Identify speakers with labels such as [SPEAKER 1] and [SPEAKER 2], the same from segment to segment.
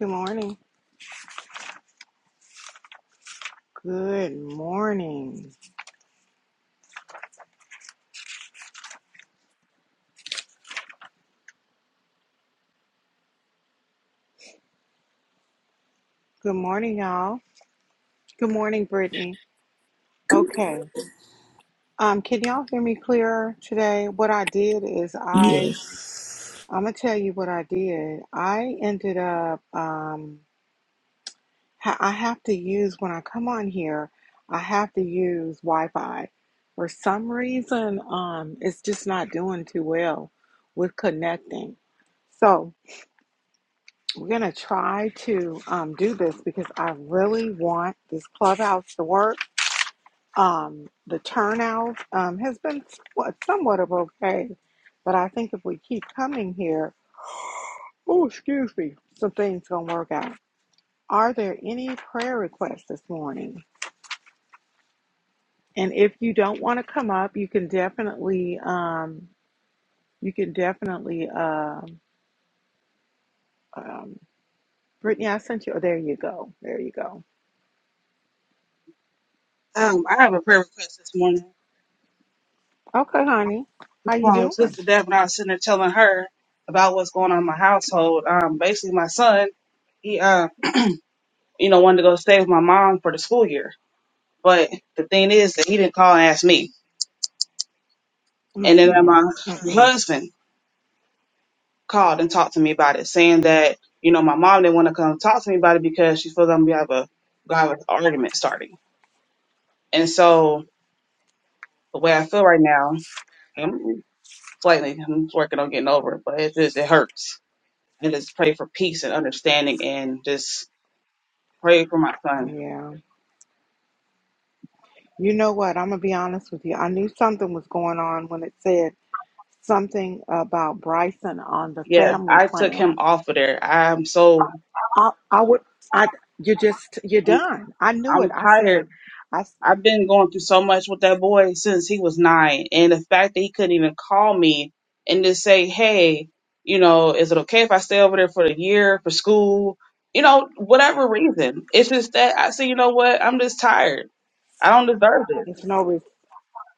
[SPEAKER 1] Good morning. Good morning. Good morning, y'all. Good morning, Brittany. Okay. Um, can y'all hear me clearer today? What I did is I
[SPEAKER 2] Yes.
[SPEAKER 1] I'm gonna tell you what I did. I ended up um ha- I have to use when I come on here, I have to use Wi-Fi. For some reason, um, it's just not doing too well with connecting. So. We're going to try to um, do this because I really want this clubhouse to work. Um, the turnout um, has been somewhat, somewhat of okay, but I think if we keep coming here, oh, excuse me, some things going to work out. Are there any prayer requests this morning? And if you don't want to come up, you can definitely, um, you can definitely, um, um, Brittany, I sent you, oh, there you go. There you go.
[SPEAKER 3] Um, I have a prayer request this morning
[SPEAKER 1] Okay, honey.
[SPEAKER 3] This
[SPEAKER 1] How you
[SPEAKER 3] from
[SPEAKER 1] doing?
[SPEAKER 3] Sister Deb, and I was sitting there telling her about what's going on in my household. Um, basically, my son, he, uh, you know, wanted to go stay with my mom for the school year, but the thing is that he didn't call and ask me. And then
[SPEAKER 1] Mm-mm,
[SPEAKER 3] my her
[SPEAKER 1] mm-mm.
[SPEAKER 3] husband called and talked to me about it, saying that you know my mom didn't want to come talk to me about it because she feels I'm gonna have a gonna have an argument starting. And so the way I feel right now, I'm slightly, I'm working on getting over it, but it just it hurts and just pray for peace and understanding and just pray for my son.
[SPEAKER 1] Yeah. You know what? I'm going to be honest with you. I knew something was going on when it said something about Bryson on the
[SPEAKER 3] Yes,
[SPEAKER 1] family
[SPEAKER 3] I took him
[SPEAKER 1] plan.
[SPEAKER 3] off of there. I'm so
[SPEAKER 1] I, I would, I, you just, you're
[SPEAKER 3] I'm,
[SPEAKER 1] done. I knew it.
[SPEAKER 3] I'm
[SPEAKER 1] I said,
[SPEAKER 3] tired.
[SPEAKER 1] I, s-
[SPEAKER 3] I've been going through so much with that boy since he was nine, and the fact that he couldn't even call me and just say, "Hey, you know, is it okay if I stay over there for the year for school?" You know, whatever reason. It's just that I say, you know what? I'm just tired. I don't deserve this.
[SPEAKER 1] it's no, res-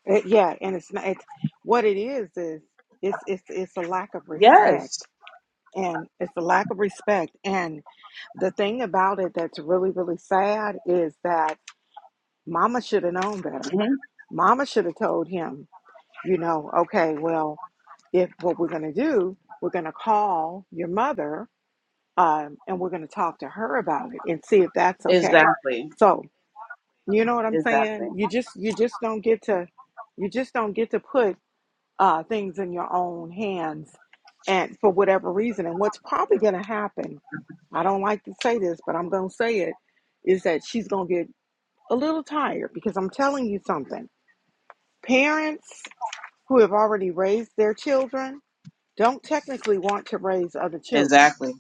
[SPEAKER 1] it, yeah. And it's not, it's, what it is, is it's, it's, it's a lack of respect
[SPEAKER 3] Yes.
[SPEAKER 1] and it's a lack of respect. And the thing about it that's really, really sad is that mama should have known better
[SPEAKER 3] hmm
[SPEAKER 1] Mama should have told him, you know, okay, well, if what we're going to do, we're going to call your mother um, and we're going to talk to her about it and see if that's okay.
[SPEAKER 3] Exactly.
[SPEAKER 1] So, you know what I'm
[SPEAKER 3] Exactly.
[SPEAKER 1] saying? You just you just don't get to you just don't get to put uh, things in your own hands and for whatever reason. And what's probably going to happen, I don't like to say this, but I'm going to say it, is that she's going to get a little tired because I'm telling you something. Parents who have already raised their children don't technically want to raise other children.
[SPEAKER 3] Exactly.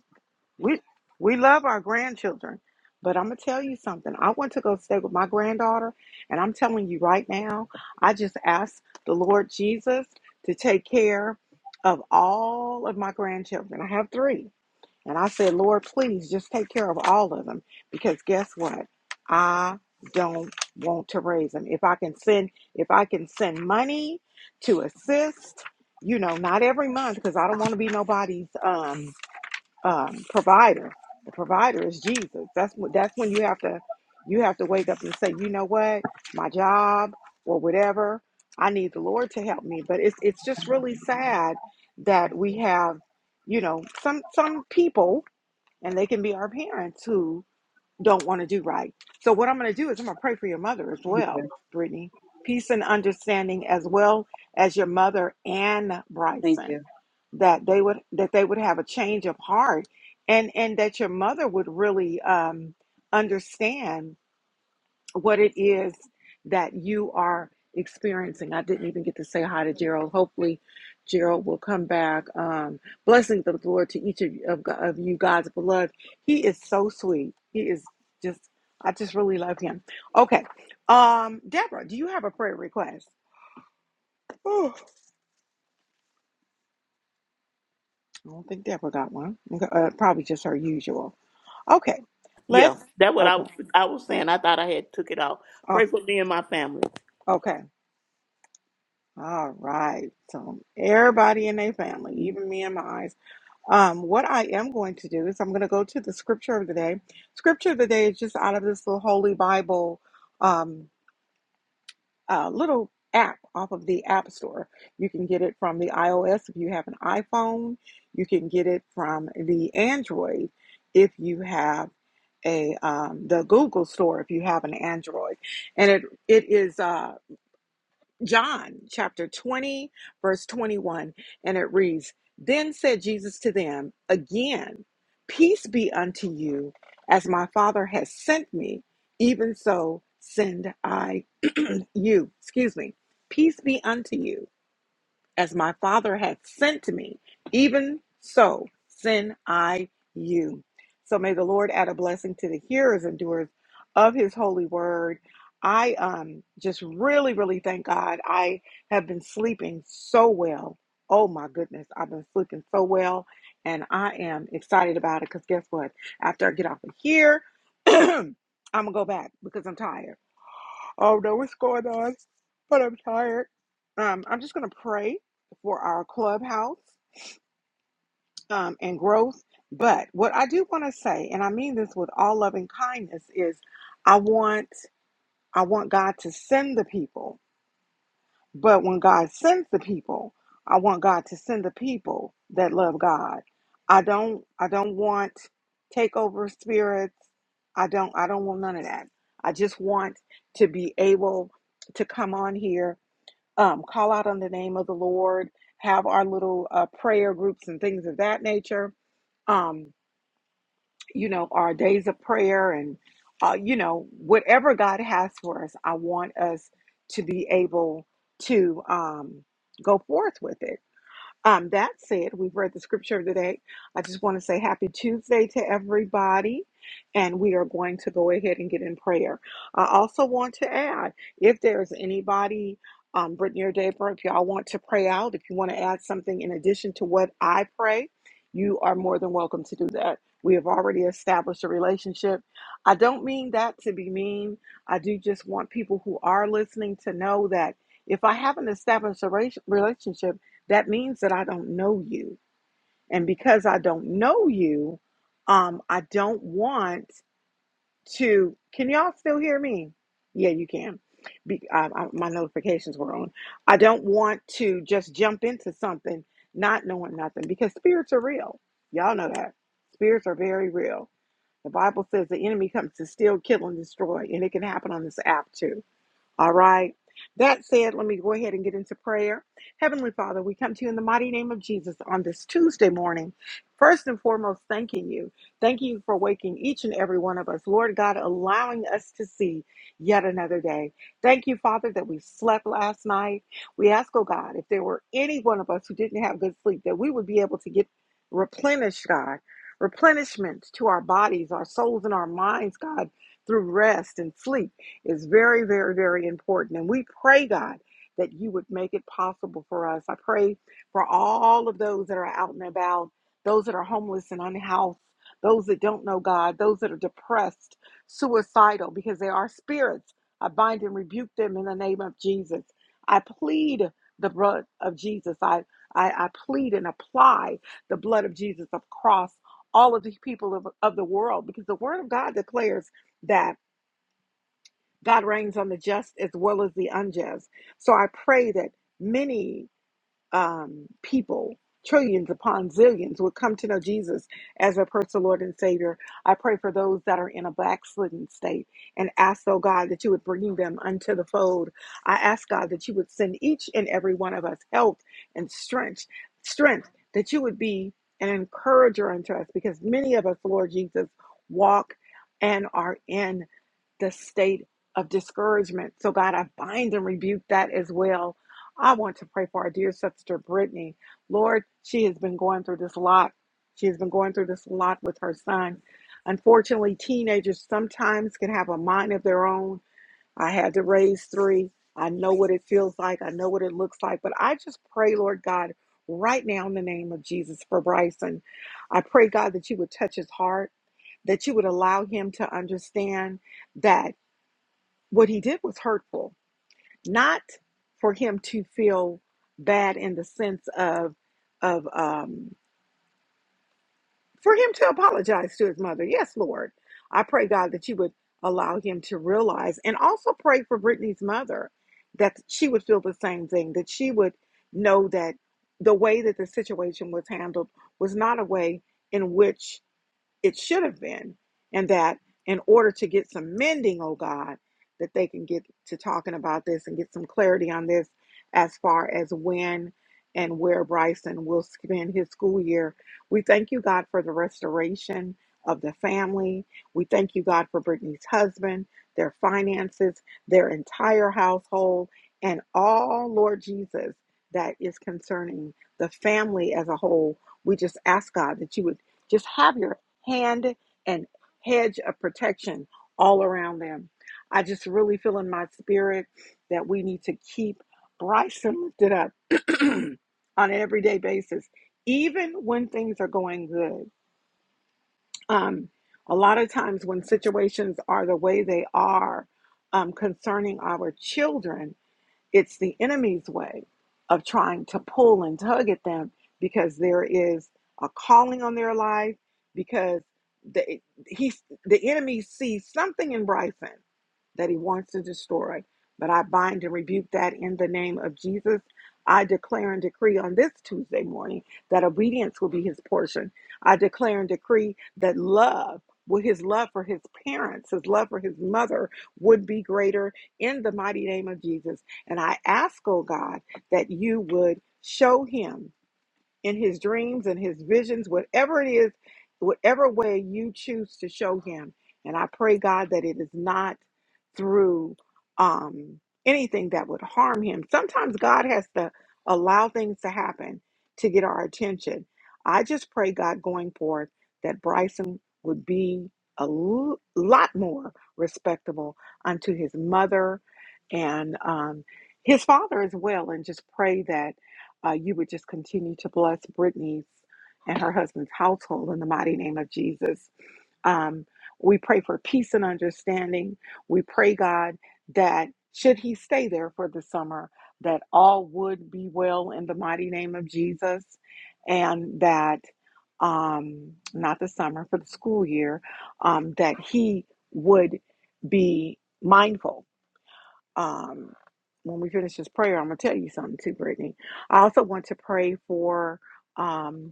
[SPEAKER 1] We we love our grandchildren, but I'm gonna tell you something. I want to go stay with my granddaughter, and I'm telling you right now, I just asked the Lord Jesus to take care of all of my grandchildren. I have three. And I said, Lord, please just take care of all of them because guess what? I don't want to raise them. If I can send, if I can send money to assist, you know, not every month because I don't want to be nobody's um, um, provider. The provider is Jesus. That's what. That's when you have to, you have to wake up and say, you know what, my job or whatever, I need the Lord to help me. But it's it's just really sad that we have, you know, some some people and they can be our parents who don't want to do right. So what I'm going to do is I'm going to pray for your mother as
[SPEAKER 3] Thank
[SPEAKER 1] well,
[SPEAKER 3] you.
[SPEAKER 1] Brittany. Peace and understanding as well as your mother and
[SPEAKER 3] Thank you.
[SPEAKER 1] Bryson that they would that they would have a change of heart and and that your mother would really um understand what it is that you are experiencing. I didn't even get to say hi to Gerald. Hopefully, Gerald will come back. Um, blessings of the Lord to each of, of, of you guys beloved. He is so sweet. He is just, I just really love him. Okay. Um, Deborah, do you have a prayer request? Oh, I don't think Deborah got one. Okay, Uh, probably just her usual. Okay. Let's,
[SPEAKER 2] Yeah, that what I
[SPEAKER 1] okay.
[SPEAKER 2] was I was saying. I thought I had took it off.
[SPEAKER 1] Oh,
[SPEAKER 2] Pray for me and my family.
[SPEAKER 1] okay. All right. So everybody in their family, even me and my Um, what I am going to do is I'm going to go to the scripture of the day. Scripture of the day is just out of this little Holy Bible um, uh, little app off of the App Store. You can get it from the iOS if you have an iPhone. You can get it from the Android if you have a um, the Google Store if you have an Android, and it it is. uh, John chapter 20, verse 21, and it reads Then said Jesus to them, Again, peace be unto you, as my Father has sent me, even so send I you. Excuse me. Peace be unto you. As my Father hath sent me, even so send I you. So may the Lord add a blessing to the hearers and doers of his holy word. I um just really, really thank God. I have been sleeping so well. Oh my goodness, I've been sleeping so well, and I am excited about it because guess what? After I get off of here, I'm gonna go back because I'm tired. I don't know what's going on, but I'm tired. Um, I'm just going to pray for our clubhouse um, and growth. But what I do want to say, and I mean this with all loving kindness, is I want I want God to send the people. But when God sends the people, I want God to send the people that love God. I don't I don't want takeover spirits. I don't I don't want none of that. I just want to be able to come on here um, call out on the name of the Lord, have our little uh, prayer groups and things of that nature, um, you know, our days of prayer and, uh, you know, whatever God has for us, I want us to be able to um, go forth with it um, that said, we've read the scripture of the day. I just want to say happy Tuesday to everybody, and we are going to go ahead and get in prayer. I also want to add if there's anybody, um, Brittany or Deborah, if y'all want to pray out, if you want to add something in addition to what I pray, you are more than welcome to do that. We have already established a relationship. I don't mean that to be mean. I do just want people who are listening to know that if I haven't established a race- relationship, that means that I don't know you. And because I don't know you, um, I don't want to. Can y'all still hear me? Yeah, you can. Be, I, I, my notifications were on. I don't want to just jump into something not knowing nothing because spirits are real. Y'all know that. Spirits are very real. The Bible says the enemy comes to steal, kill, and destroy, and it can happen on this app too all right. That said, let me go ahead and get into prayer. Heavenly Father, we come to you in the mighty name of Jesus on this Tuesday morning. First and foremost, thanking you. Thanking you for waking each and every one of us, Lord God, allowing us to see yet another day. Thank you, Father, that we slept last night. We ask, oh God, if there were any one of us who didn't have good sleep, that we would be able to get replenished, God, replenishment to our bodies, our souls, and our minds, God, through rest and sleep is very, very, very important. And we pray, God, that you would make it possible for us. I pray for all of those that are out and about, those that are homeless and unhoused, those that don't know God, those that are depressed, suicidal, because they are spirits. I bind and rebuke them in the name of Jesus. I plead the blood of Jesus. I, I, I plead and apply the blood of Jesus across all of the people of, of the world because the word of God declares that. God reigns on the just as well as the unjust. So I pray that many um, people, trillions upon zillions, would come to know Jesus as their personal Lord and Savior. I pray for those that are in a backslidden state and ask, oh God, that you would bring them unto the fold. I ask, God, that you would send each and every one of us health and strength, strength, that you would be an encourager unto us because many of us, Lord Jesus, walk and are in the state of discouragement. So, God, I bind and rebuke that as well. I want to pray for our dear sister Brittany. Lord, she has been going through this lot. She has been going through this lot with her son. Unfortunately, teenagers sometimes can have a mind of their own. I had to raise three. I know what it feels like. I know what it looks like. But I just pray, Lord God, right now in the name of Jesus for Bryson. I pray, God, that you would touch his heart, that you would allow him to understand that what he did was hurtful not for him to feel bad in the sense of of um for him to apologize to his mother yes lord i pray god that you would allow him to realize and also pray for brittany's mother that she would feel the same thing that she would know that the way that the situation was handled was not a way in which it should have been, and that in order to get some mending, oh God, that they can get to talking about this and get some clarity on this as far as when and where Bryson will spend his school year. We thank you, God, for the restoration of the family. We thank you, God, for Brittany's husband, their finances, their entire household, and all, Lord Jesus, that is concerning the family as a whole. We just ask, God, that you would just have your hand and hedge of protection all around them. I just really feel in my spirit that we need to keep Bryson lifted up on an everyday basis, even when things are going good. Um, a lot of times, when situations are the way they are um, concerning our children, it's the enemy's way of trying to pull and tug at them because there is a calling on their life because the he the enemy sees something in Bryson that he wants to destroy. But I bind and rebuke that in the name of Jesus. I declare and decree on this Tuesday morning that obedience will be his portion. I declare and decree that love, with his love for his parents, his love for his mother, would be greater in the mighty name of Jesus. And I ask, oh God, that you would show him in his dreams and his visions, whatever it is, whatever way you choose to show him. And I pray, God, that it is not through um, anything that would harm him. Sometimes God has to allow things to happen to get our attention. I just pray, God, going forth, that Bryson would be a l- lot more respectable unto his mother and um, his father as well. And just pray that. Uh, you would just continue to bless Brittany's and her husband's household in the mighty name of Jesus. Um, we pray for peace and understanding. We pray, God, that should he stay there for the summer, that all would be well in the mighty name of Jesus, and that um, not the summer, for the school year, um, that he would be mindful um, when we finish this prayer, I'm going to tell you something too, Brittany. I also want to pray for. Um,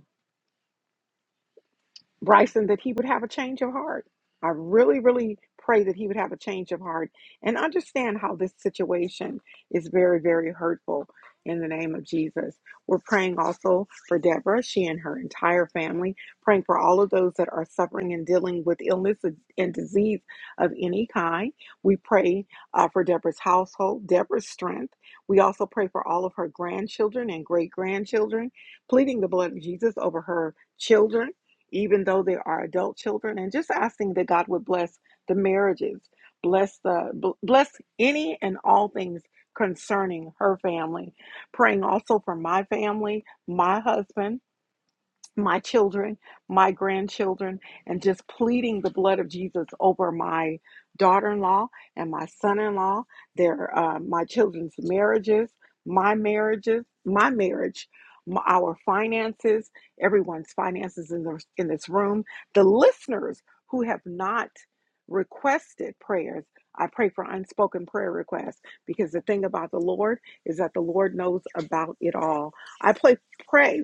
[SPEAKER 1] Bryson that he would have a change of heart. I really, really pray that he would have a change of heart and understand how this situation is very, very hurtful in the name of Jesus. We're praying also for Deborah, she and her entire family, praying for all of those that are suffering and dealing with illness and disease of any kind. We pray uh, for Deborah's household, Deborah's strength. We also pray for all of her grandchildren and great grandchildren, pleading the blood of Jesus over her children even though there are adult children, and just asking that God would bless the marriages, bless the bless any and all things concerning her family. Praying also for my family, my husband my children, my grandchildren, and just pleading the blood of Jesus over my daughter-in-law and my son-in-law, their uh, my children's marriages, my marriages, my marriage, m our finances, everyone's finances in this in this room, the listeners who have not requested prayers. I pray for unspoken prayer requests because the thing about the Lord is that the Lord knows about it all. I pray, pray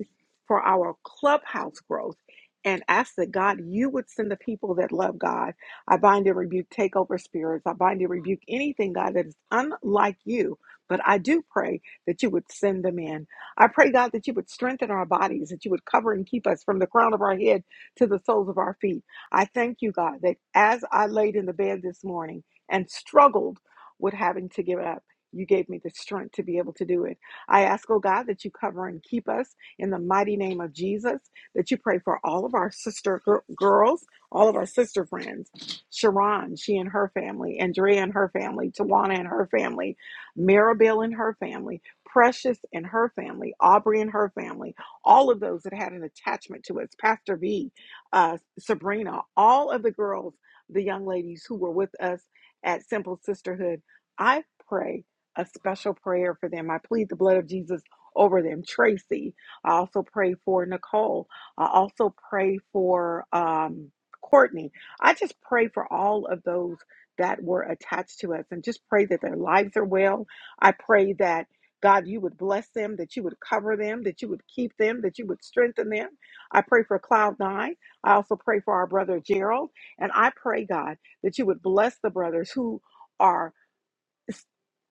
[SPEAKER 1] for our clubhouse growth and ask that God, you would send the people that love God. I bind and rebuke takeover spirits. I bind and rebuke anything, God, that is unlike you. But I do pray that you would send them in. I pray, God, that you would strengthen our bodies, that you would cover and keep us from the crown of our head to the soles of our feet. I thank you, God, that as I laid in the bed this morning and struggled with having to give up, you gave me the strength to be able to do it. I ask, oh God, that you cover and keep us in the mighty name of Jesus, that you pray for all of our sister gir- girls, all of our sister friends, Sharon, she and her family, Andrea and her family, Tawana and her family, Maribel and her family, Precious and her family, Aubrey and her family, all of those that had an attachment to us, Pastor V, uh, Sabrina, all of the girls, the young ladies who were with us at Simple Sisterhood. I pray a special prayer for them. I plead the blood of Jesus over them. Tracy, I also pray for Nicole. I also pray for um, Courtney. I just pray for all of those that were attached to us and just pray that their lives are well. I pray that. God, you would bless them, that you would cover them, that you would keep them, that you would strengthen them. I pray for Cloud Nine. I also pray for our brother Gerald. And I pray, God, that you would bless the brothers who are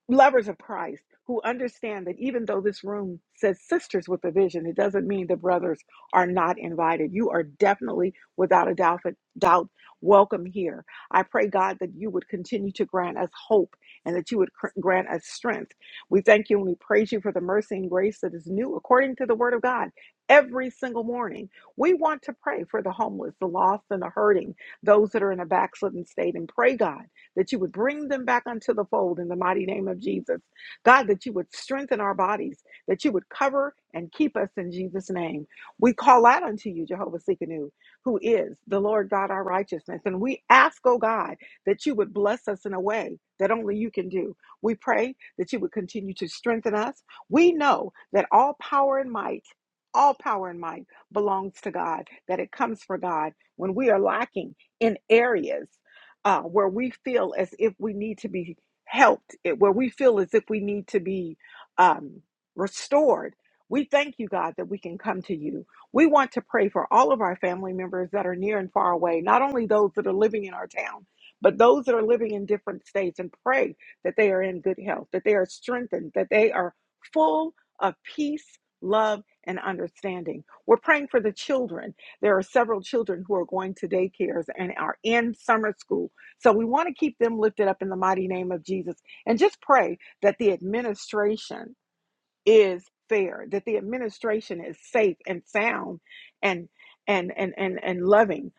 [SPEAKER 1] lovers of Christ who understand that even though this room says sisters with a vision, it doesn't mean the brothers are not invited. You are definitely, without a doubt, doubt welcome here. I pray, God, that you would continue to grant us hope and that you would cr- grant us strength. We thank you and we praise you for the mercy and grace that is new according to the word of God. Every single morning, we want to pray for the homeless, the lost, and the hurting, those that are in a backslidden state, and pray, God that you would bring them back unto the fold in the mighty name of Jesus. God, that you would strengthen our bodies, that you would cover and keep us in Jesus' name. We call out unto you, Jehovah Sikkenu, who is the Lord God, our righteousness. And we ask, oh God, that you would bless us in a way that only you can do. We pray that you would continue to strengthen us. We know that all power and might, all power and might belongs to God, that it comes from God. When we are lacking in areas, uh, where we feel as if we need to be helped, it- where we feel as if we need to be um, restored. We thank you, God, that we can come to you. We want to pray for all of our family members that are near and far away, not only those that are living in our town, but those that are living in different states, and pray that they are in good health, that they are strengthened, that they are full of peace, love, and understanding. We're praying for the children. There are several children who are going to daycares and are in summer school so we want to keep them lifted up in the mighty name of Jesus and just pray that the administration is fair, that the administration is safe and sound and and and and, and loving.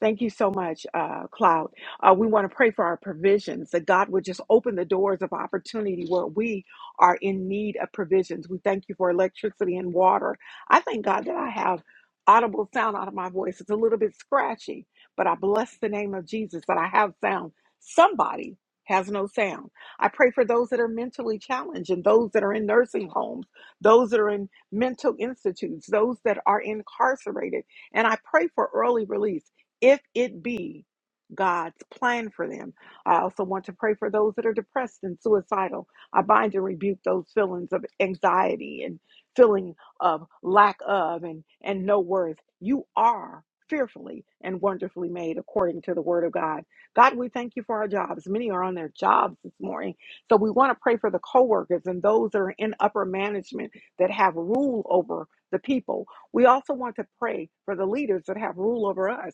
[SPEAKER 1] Thank you so much, uh, Cloud. Uh, we want to pray for our provisions that God would just open the doors of opportunity where we are in need of provisions. We thank you for electricity and water. I thank God that I have audible sound out of my voice. It's a little bit scratchy, but I bless the name of Jesus that I have sound. Somebody has no sound I pray for those that are mentally challenged and those that are in nursing homes, those that are in mental institutes, those that are incarcerated. And I pray for early release if it be God's plan for them. I also want to pray for those that are depressed and suicidal. I bind and rebuke those feelings of anxiety and feeling of lack of and, and no worth. You are fearfully and wonderfully made according to the word of God. God, we thank you for our jobs. Many are on their jobs this morning. So we want to pray for the coworkers and those that are in upper management that have rule over the people. We also want to pray for the leaders that have rule over us,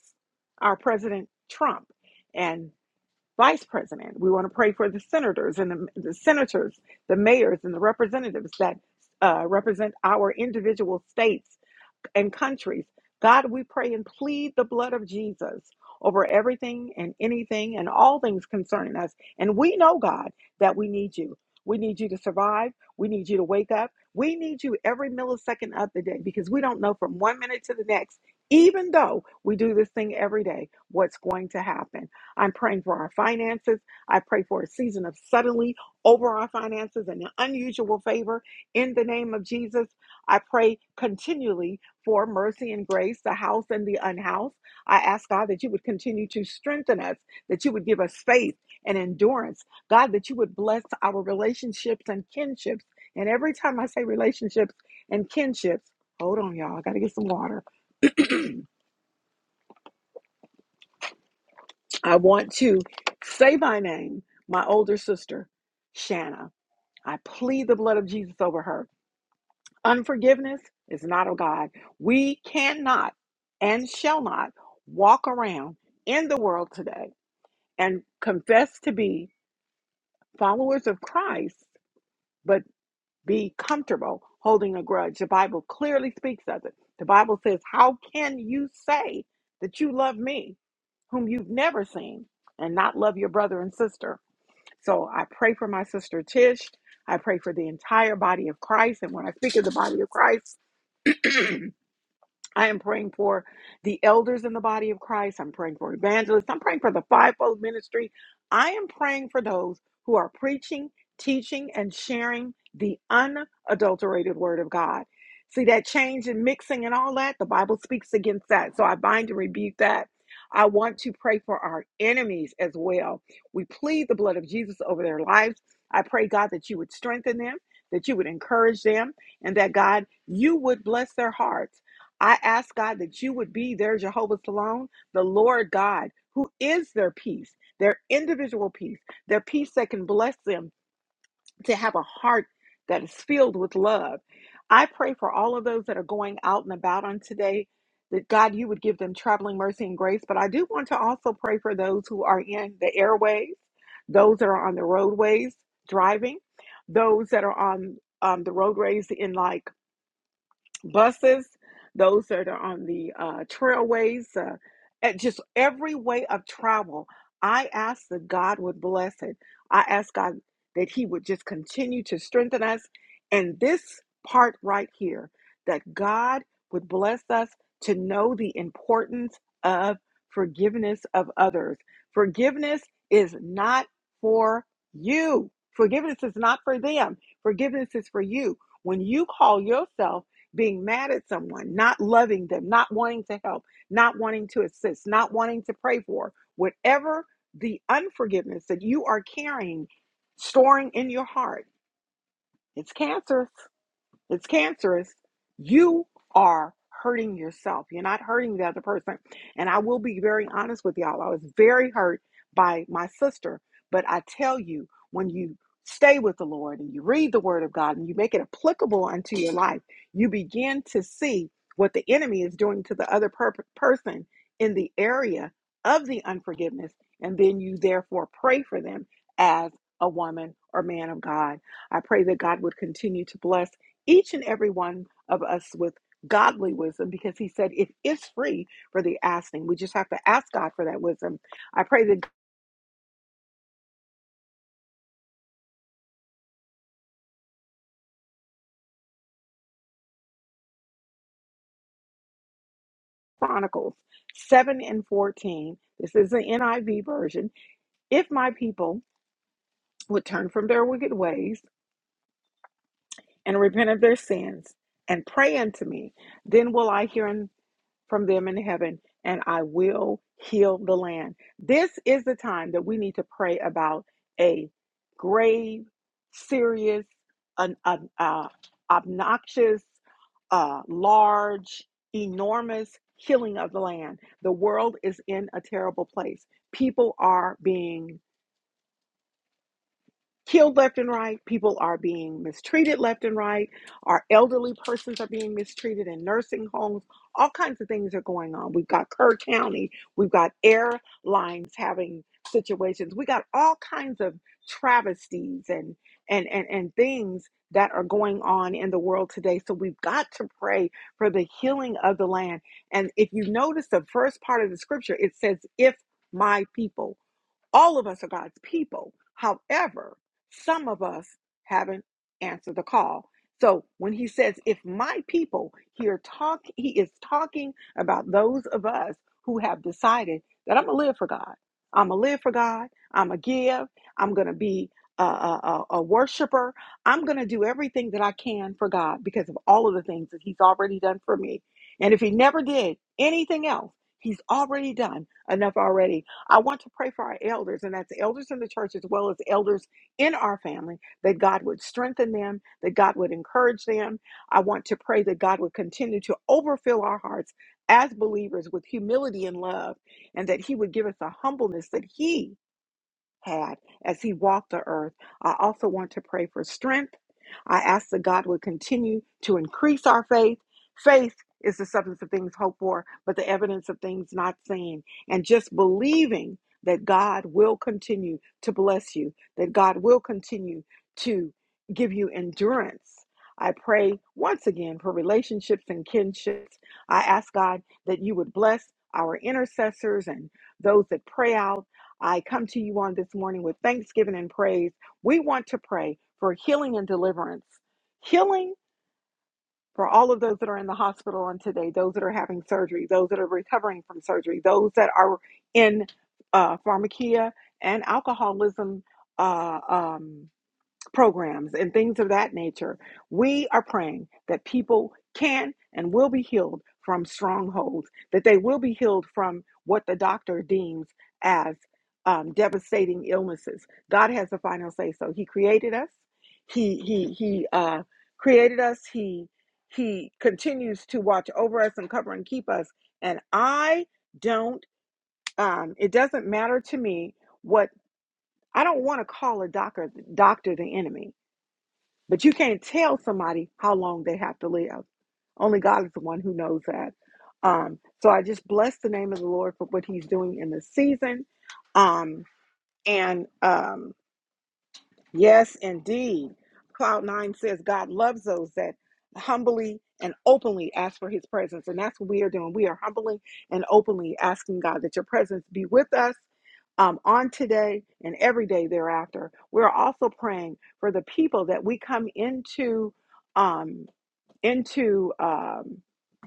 [SPEAKER 1] our President Trump and Vice President. We want to pray for the senators and the, the senators, the mayors and the representatives that uh, represent our individual states and countries. God, we pray and plead the blood of Jesus over everything and anything and all things concerning us. And we know, God, that we need you. We need you to survive. We need you to wake up. We need you every millisecond of the day because we don't know from one minute to the next, even though we do this thing every day, what's going to happen. I'm praying for our finances. I pray for a season of suddenly over our finances and an unusual favor in the name of Jesus. I pray continually for mercy and grace, the house and the unhoused. I ask God that you would continue to strengthen us, that you would give us faith and endurance. God, that you would bless our relationships and kinships. And every time I say relationships and kinships, hold on, y'all, I got to get some water. I want to say by name my older sister, Shanna. I plead the blood of Jesus over her. Unforgiveness is not of God. We cannot and shall not walk around in the world today and confess to be followers of Christ, but be comfortable holding a grudge. The Bible clearly speaks of it. The Bible says, How can you say that you love me, whom you've never seen, and not love your brother and sister? So I pray for my sister Tish. I pray for the entire body of Christ. And when I speak of the body of Christ, I am praying for the elders in the body of Christ. I'm praying for evangelists. I'm praying for the fivefold ministry. I am praying for those who are preaching, teaching, and sharing the unadulterated word of God. See that change in mixing and all that? The Bible speaks against that. So I bind and rebuke that. I want to pray for our enemies as well. We plead the blood of Jesus over their lives. I pray, God, that you would strengthen them, that you would encourage them, and that, God, you would bless their hearts I ask God that you would be their Jehovah Salon, the Lord God, who is their peace, their individual peace, their peace that can bless them to have a heart that is filled with love. I pray for all of those that are going out and about on today that God, you would give them traveling mercy and grace. But I do want to also pray for those who are in the airways, those that are on the roadways driving, those that are on um, the roadways in like buses, those that are on the uh, trailways, uh, at just every way of travel. I ask that God would bless it. I ask God that He would just continue to strengthen us. And this part right here, that God would bless us to know the importance of forgiveness of others. Forgiveness is not for you, forgiveness is not for them, forgiveness is for you. When you call yourself being mad at someone, not loving them, not wanting to help, not wanting to assist, not wanting to pray for, whatever the unforgiveness that you are carrying, storing in your heart, it's cancerous. It's cancerous, you are hurting yourself. You're not hurting the other person. And I will be very honest with y'all. I was very hurt by my sister, but I tell you, when you stay with the Lord and you read the word of God and you make it applicable unto your life, you begin to see what the enemy is doing to the other per- person in the area of the unforgiveness. And then you therefore pray for them as a woman or man of God. I pray that God would continue to bless each and every one of us with godly wisdom because he said it is free for the asking. We just have to ask God for that wisdom. I pray that Chronicles 7 and 14, this is the NIV version. If my people would turn from their wicked ways and repent of their sins and pray unto me, then will I hear and from them in heaven, and I will heal the land. This is the time that we need to pray about a grave, serious, an, an uh, obnoxious, uh, large, enormous healing of the land. The world is in a terrible place. People are being killed left and right. People are being mistreated left and right. Our elderly persons are being mistreated in nursing homes. All kinds of things are going on. We've got Kerr County. We've got airlines having situations. We got all kinds of travesties and and and, and things that are going on in the world today. So we've got to pray for the healing of the land. And if you notice the first part of the scripture, it says, if my people. All of us are God's people. However, some of us haven't answered the call. So when he says, if my people here talk, he is talking about those of us who have decided that I'm going to live for God. I'm going to live for God. I'm going to give. I'm going to be a, a, a a worshiper. I'm going to do everything that I can for God because of all of the things that he's already done for me. And if he never did anything else, he's already done enough already I want to pray for our elders, and that's elders in the church as well as elders in our family, that God would strengthen them, that God would encourage them. I want to pray that God would continue to overfill our hearts as believers with humility and love, and that He would give us a humbleness that He had as he walked the earth. I also want to pray for strength. I ask that God would continue to increase our faith. Faith is the substance of things hoped for, but the evidence of things not seen. And just believing that God will continue to bless you, that God will continue to give you endurance. I pray once again for relationships and kinships. I ask God that you would bless our intercessors and those that pray out I come to you on this morning with thanksgiving and praise. We want to pray for healing and deliverance. Healing for all of those that are in the hospital on today, those that are having surgery, those that are recovering from surgery, those that are in uh, pharmacia and alcoholism. Uh, um, programs and things of that nature. We are praying that people can and will be healed from strongholds, that they will be healed from what the doctor deems as um, devastating illnesses. God has the final say. So He created us. He He He uh, created us. He He continues to watch over us and cover and keep us. And I don't. Um, it doesn't matter to me what I don't want to call a doctor doctor the enemy. But you can't tell somebody how long they have to live. Only God is the one who knows that. Um, so I just bless the name of the Lord for what He's doing in this season. Um, and um, Yes, indeed. Cloud nine says God loves those that humbly and openly ask for his presence. And that's what we are doing. We are humbly and openly asking God that your presence be with us um, on today and every day thereafter. We're also praying for the people that we come into. um, into um,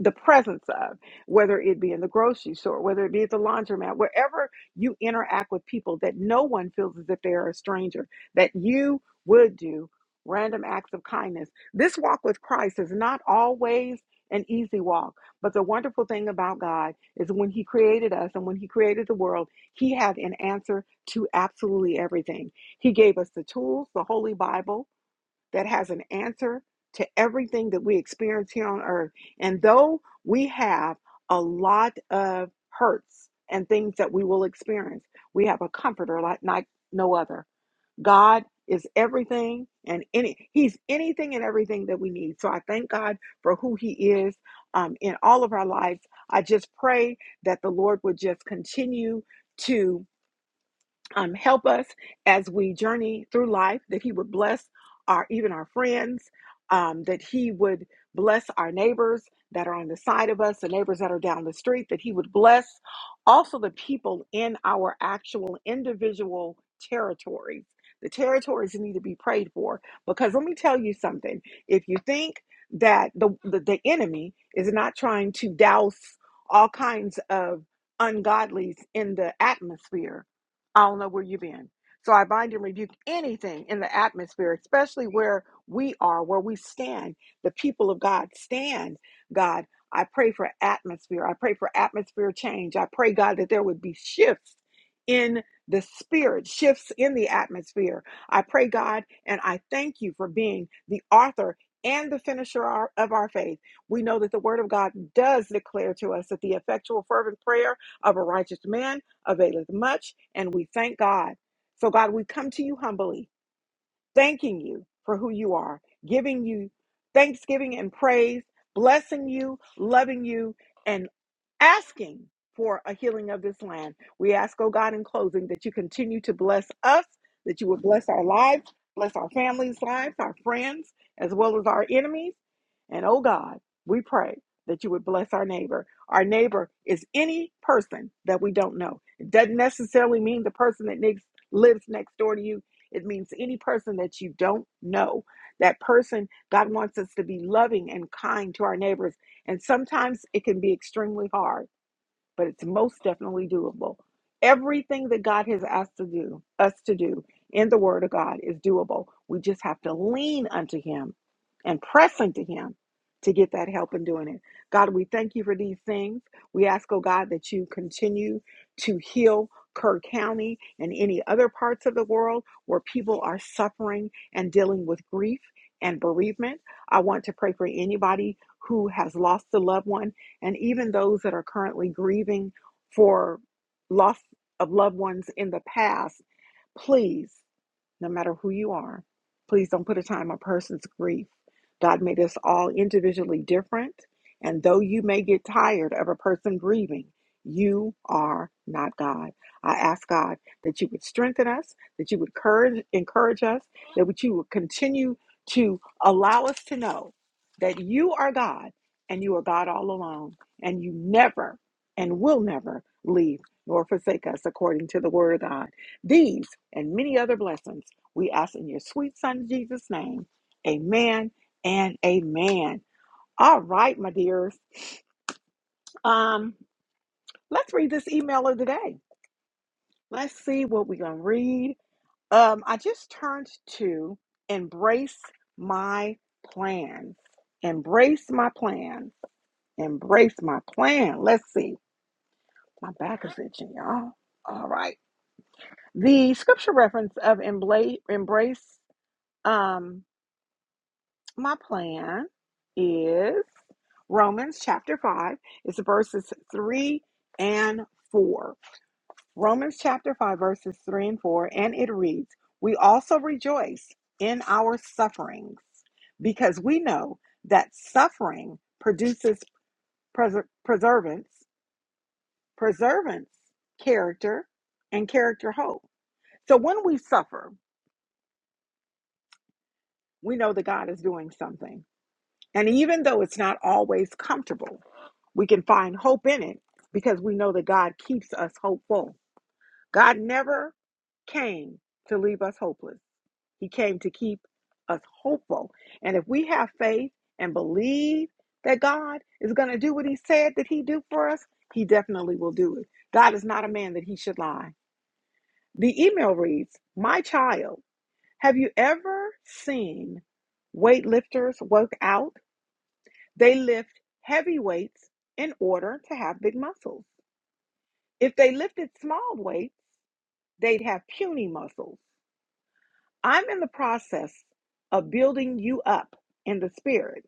[SPEAKER 1] the presence of, whether it be in the grocery store, whether it be at the laundromat, wherever you interact with people that no one feels as if they are a stranger, that you would do random acts of kindness. This walk with Christ is not always an easy walk, but the wonderful thing about God is when He created us and when He created the world, He had an answer to absolutely everything. He gave us the tools, the Holy Bible that has an answer to everything that we experience here on earth. And though we have a lot of hurts and things that we will experience, we have a comforter like, like no other. God is everything and any he's anything and everything that we need. So I thank God for who he is um, in all of our lives. I just pray that the Lord would just continue to um, help us as we journey through life, that He would bless our even our friends, um, that He would bless our neighbors that are on the side of us, the neighbors that are down the street, that He would bless also the people in our actual individual territories. The territories need to be prayed for because let me tell you something. If you think that the, the, the enemy is not trying to douse all kinds of ungodlies in the atmosphere, I don't know where you've been. So I bind and rebuke anything in the atmosphere, especially where we are, where we stand, the people of God stand. God, I pray for atmosphere. I pray for atmosphere change. I pray, God, that there would be shifts in the spirit, shifts in the atmosphere. I pray, God, and I thank you for being the author and the finisher of our of our faith. We know that the word of God does declare to us that the effectual, fervent prayer of a righteous man availeth much, and we thank God. So, God, we come to you humbly, thanking you for who you are, giving you thanksgiving and praise, blessing you, loving you. and asking for a healing of this land. We ask, oh God, in closing, that you continue to bless us, that you would bless our lives, bless our families' lives, our friends, as well as our enemies. And oh God, we pray that you would bless our neighbor. Our neighbor is any person that we don't know. It doesn't necessarily mean the person that next, lives next door to you. It means any person that you don't know. That person, God wants us to be loving and kind to our neighbors and sometimes it can be extremely hard but it's most definitely doable. Everything that God has asked to do, us to do in the Word of God is doable. We just have to lean unto Him and press into Him to get that help in doing it. God, we thank you for these things. We ask, oh God, that you continue to heal Kerr County and any other parts of the world where people are suffering and dealing with grief and bereavement. I want to pray for anybody who has lost a loved one and even those that are currently grieving for loss of loved ones in the past, please no matter who you are. Please don't put a time on a person's grief. God made us all individually different. And though you may get tired of a person grieving, you are not God. I ask God that you would strengthen us, that you would courage, encourage us, that would- you would continue to allow us to know that you are God and you are God all alone, and you never and will never leave nor forsake us according to the word of God. These and many other blessings we ask in your sweet son Jesus' name. Amen and amen. All right, my dears. Um, let's read this email of the day. Let's see what we're gonna read. Um, I just turned to embrace my plan. Embrace my plan. Embrace my plan. Let's see. My back is itching, y'all. All right. The scripture reference of embrace um My plan is Romans chapter 5. It's verses 3 and 4. Romans chapter 5, verses 3 and 4. And it reads We also rejoice in our sufferings because we know that suffering produces preser- preservance, preservance, character, and character hope. So when we suffer, we know that God is doing something And even though it's not always comfortable, we can find hope in it because we know that God keeps us hopeful. God never came to leave us hopeless, He came to keep us hopeful. And if we have faith and believe that God is going to do what He said that He do for us, He definitely will do it. God is not a man that He should lie. The email reads My child, have you ever seen weightlifters work out? They lift heavy weights in order to have big muscles. If they lifted small weights, they'd have puny muscles. I'm in the process of building you up in the spirit.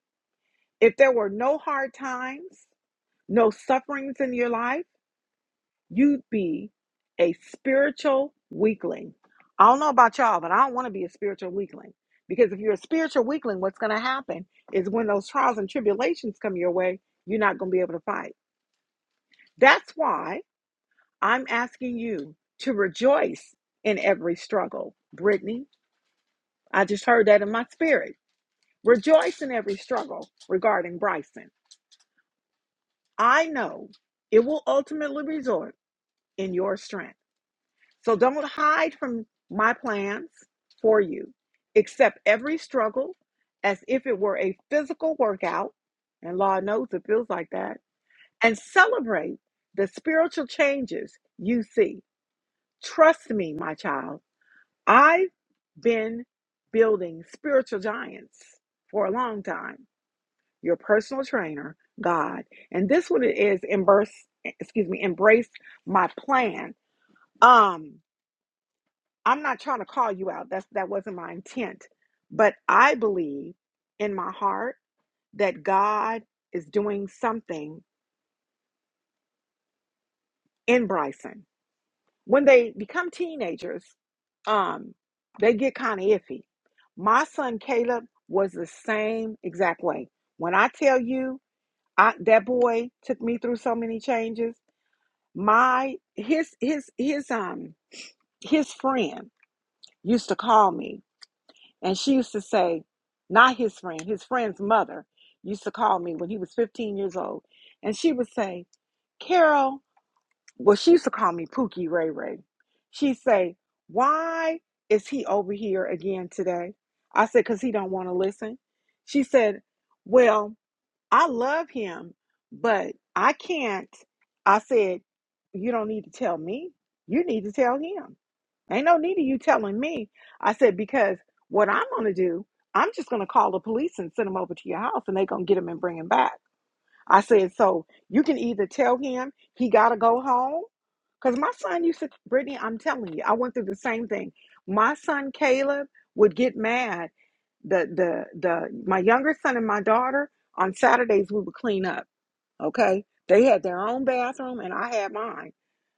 [SPEAKER 1] If there were no hard times, no sufferings in your life, you'd be a spiritual weakling. I don't know about y'all, but I don't want to be a spiritual weakling because if you're a spiritual weakling, what's going to happen is when those trials and tribulations come your way, you're not going to be able to fight. That's why I'm asking you to rejoice in every struggle. Brittany, I just heard that in my spirit. Rejoice in every struggle regarding Bryson. I know it will ultimately result in your strength. So don't hide from my plans for you. Accept every struggle as if it were a physical workout, and Lord knows it feels like that, and celebrate the spiritual changes you see. Trust me, my child I've been building spiritual giants for a long time. Your personal trainer, God, and this one is embrace. Excuse me, embrace my plan. Um, I'm not trying to call you out. That's that wasn't my intent, but I believe in my heart that God is doing something in Bryson. When they become teenagers, um, they get kind of iffy. My son Caleb was the same exact way. When I tell you, I, that boy took me through so many changes. My his his his um his friend used to call me, and she used to say, not his friend, his friend's mother used to call me when he was 15 years old, and she would say, "Carol, well, she used to call me Pookie Ray Ray. She'd say, Why is he over here again today? I said, Because he don't want to listen. She said, Well, I love him, but I can't. I said, You don't need to tell me. You need to tell him. Ain't no need of you telling me. I said, Because what I'm going to do, I'm just going to call the police and send him over to your house, and they going to get him and bring him back. I said, so you can either tell him he got to go home. Because my son used to, Brittany, I'm telling you, I went through the same thing. My son, Caleb, would get mad. The, the, the, my younger son and my daughter, on Saturdays, we would clean up. Okay. They had their own bathroom and I had mine.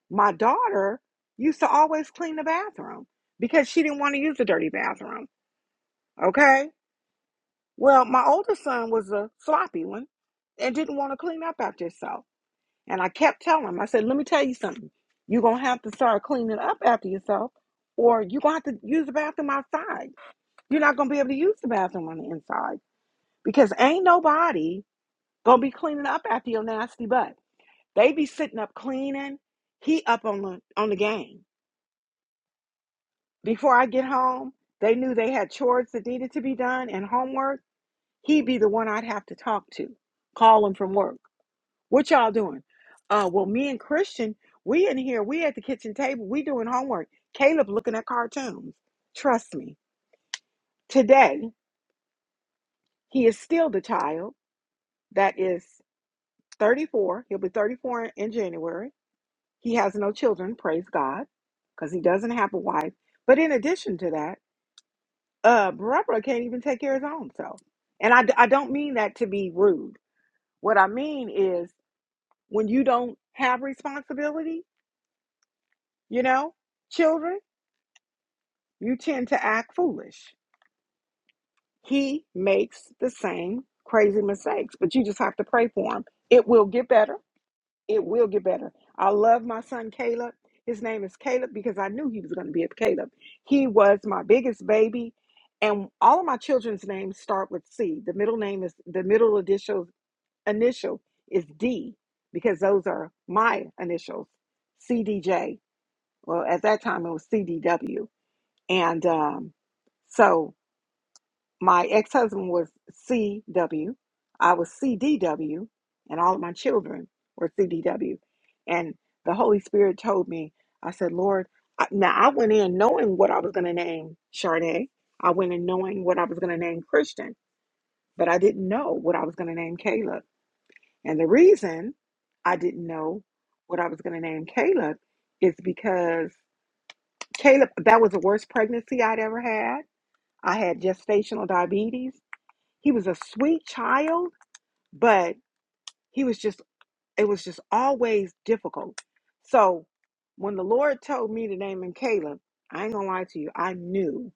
[SPEAKER 1] My daughter used to always clean the bathroom because she didn't want to use the dirty bathroom. Okay. Well, my older son was a sloppy one and didn't want to clean up after himself. And I kept telling him, I said, let me tell you something. You're going to have to start cleaning up after yourself, or you're going to have to use the bathroom outside. You're not going to be able to use the bathroom on the inside because ain't nobody going to be cleaning up after your nasty butt. They be sitting up cleaning. He up on the, on the game. Before I get home, they knew they had chores that needed to be done and homework. He'd be the one I'd have to talk to, call him from work. What y'all doing? Uh, well, me and Christian, we in here, we at the kitchen table, we doing homework. Caleb looking at cartoons. Trust me, today he is still the child that is 34. He'll be 34 in in January. He has no children, praise God, because he doesn't have a wife. But in addition to that, uh, Barbara can't even take care of his own self. And I, d- I don't mean that to be rude. What I mean is when you don't have responsibility, you know, children. you tend to act foolish. He makes the same crazy mistakes, but you just have to pray for him. It will get better. It will get better. I love my son Caleb. His name is Caleb because I knew he was going to be a Caleb. He was my biggest baby, and all of my children's names start with C. The middle name is the middle initial initial is D because those are my initials. CDJ. Well, at that time it was CDW, and um, so my ex-husband was C W, I was CDW, and all of my children were CDW. And the Holy Spirit told me, I said, Lord, I, now I went in knowing what I was going to name Charday. I went in knowing what I was going to name Christian, but I didn't know what I was going to name Caleb. And the reason I didn't know what I was going to name Caleb is because Caleb, that was the worst pregnancy I'd ever had. I had gestational diabetes. He was a sweet child, but he was just, it was just always difficult. So when the Lord told me to name him Caleb, I ain't gonna lie to you, I knew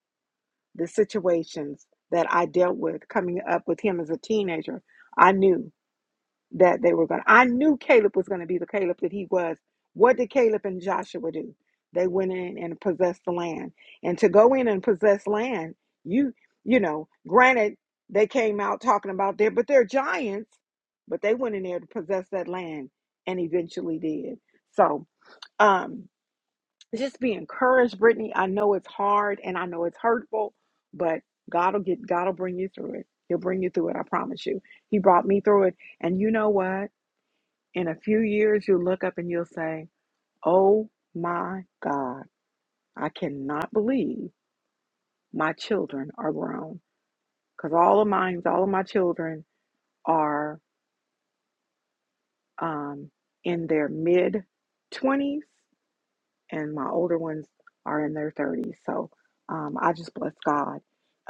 [SPEAKER 1] the situations that I dealt with coming up with him as a teenager. I knew that they were going to. I knew Caleb was going to be the Caleb that he was. What did Caleb and Joshua do? They went in and possessed the land. And to go in and possess land, you you know, granted they came out talking about there, but they're giants, but they went in there to possess that land and eventually did. So, um just be encouraged, Brittany. I know it's hard and I know it's hurtful, but God will get God will bring you through it. He'll bring you through it, I promise you. He brought me through it. And you know what? In a few years, you'll look up and you'll say, Oh my God, I cannot believe my children are grown. Because all of mine, all of my children are um, in their mid 20s, and my older ones are in their 30s. So um, I just bless God.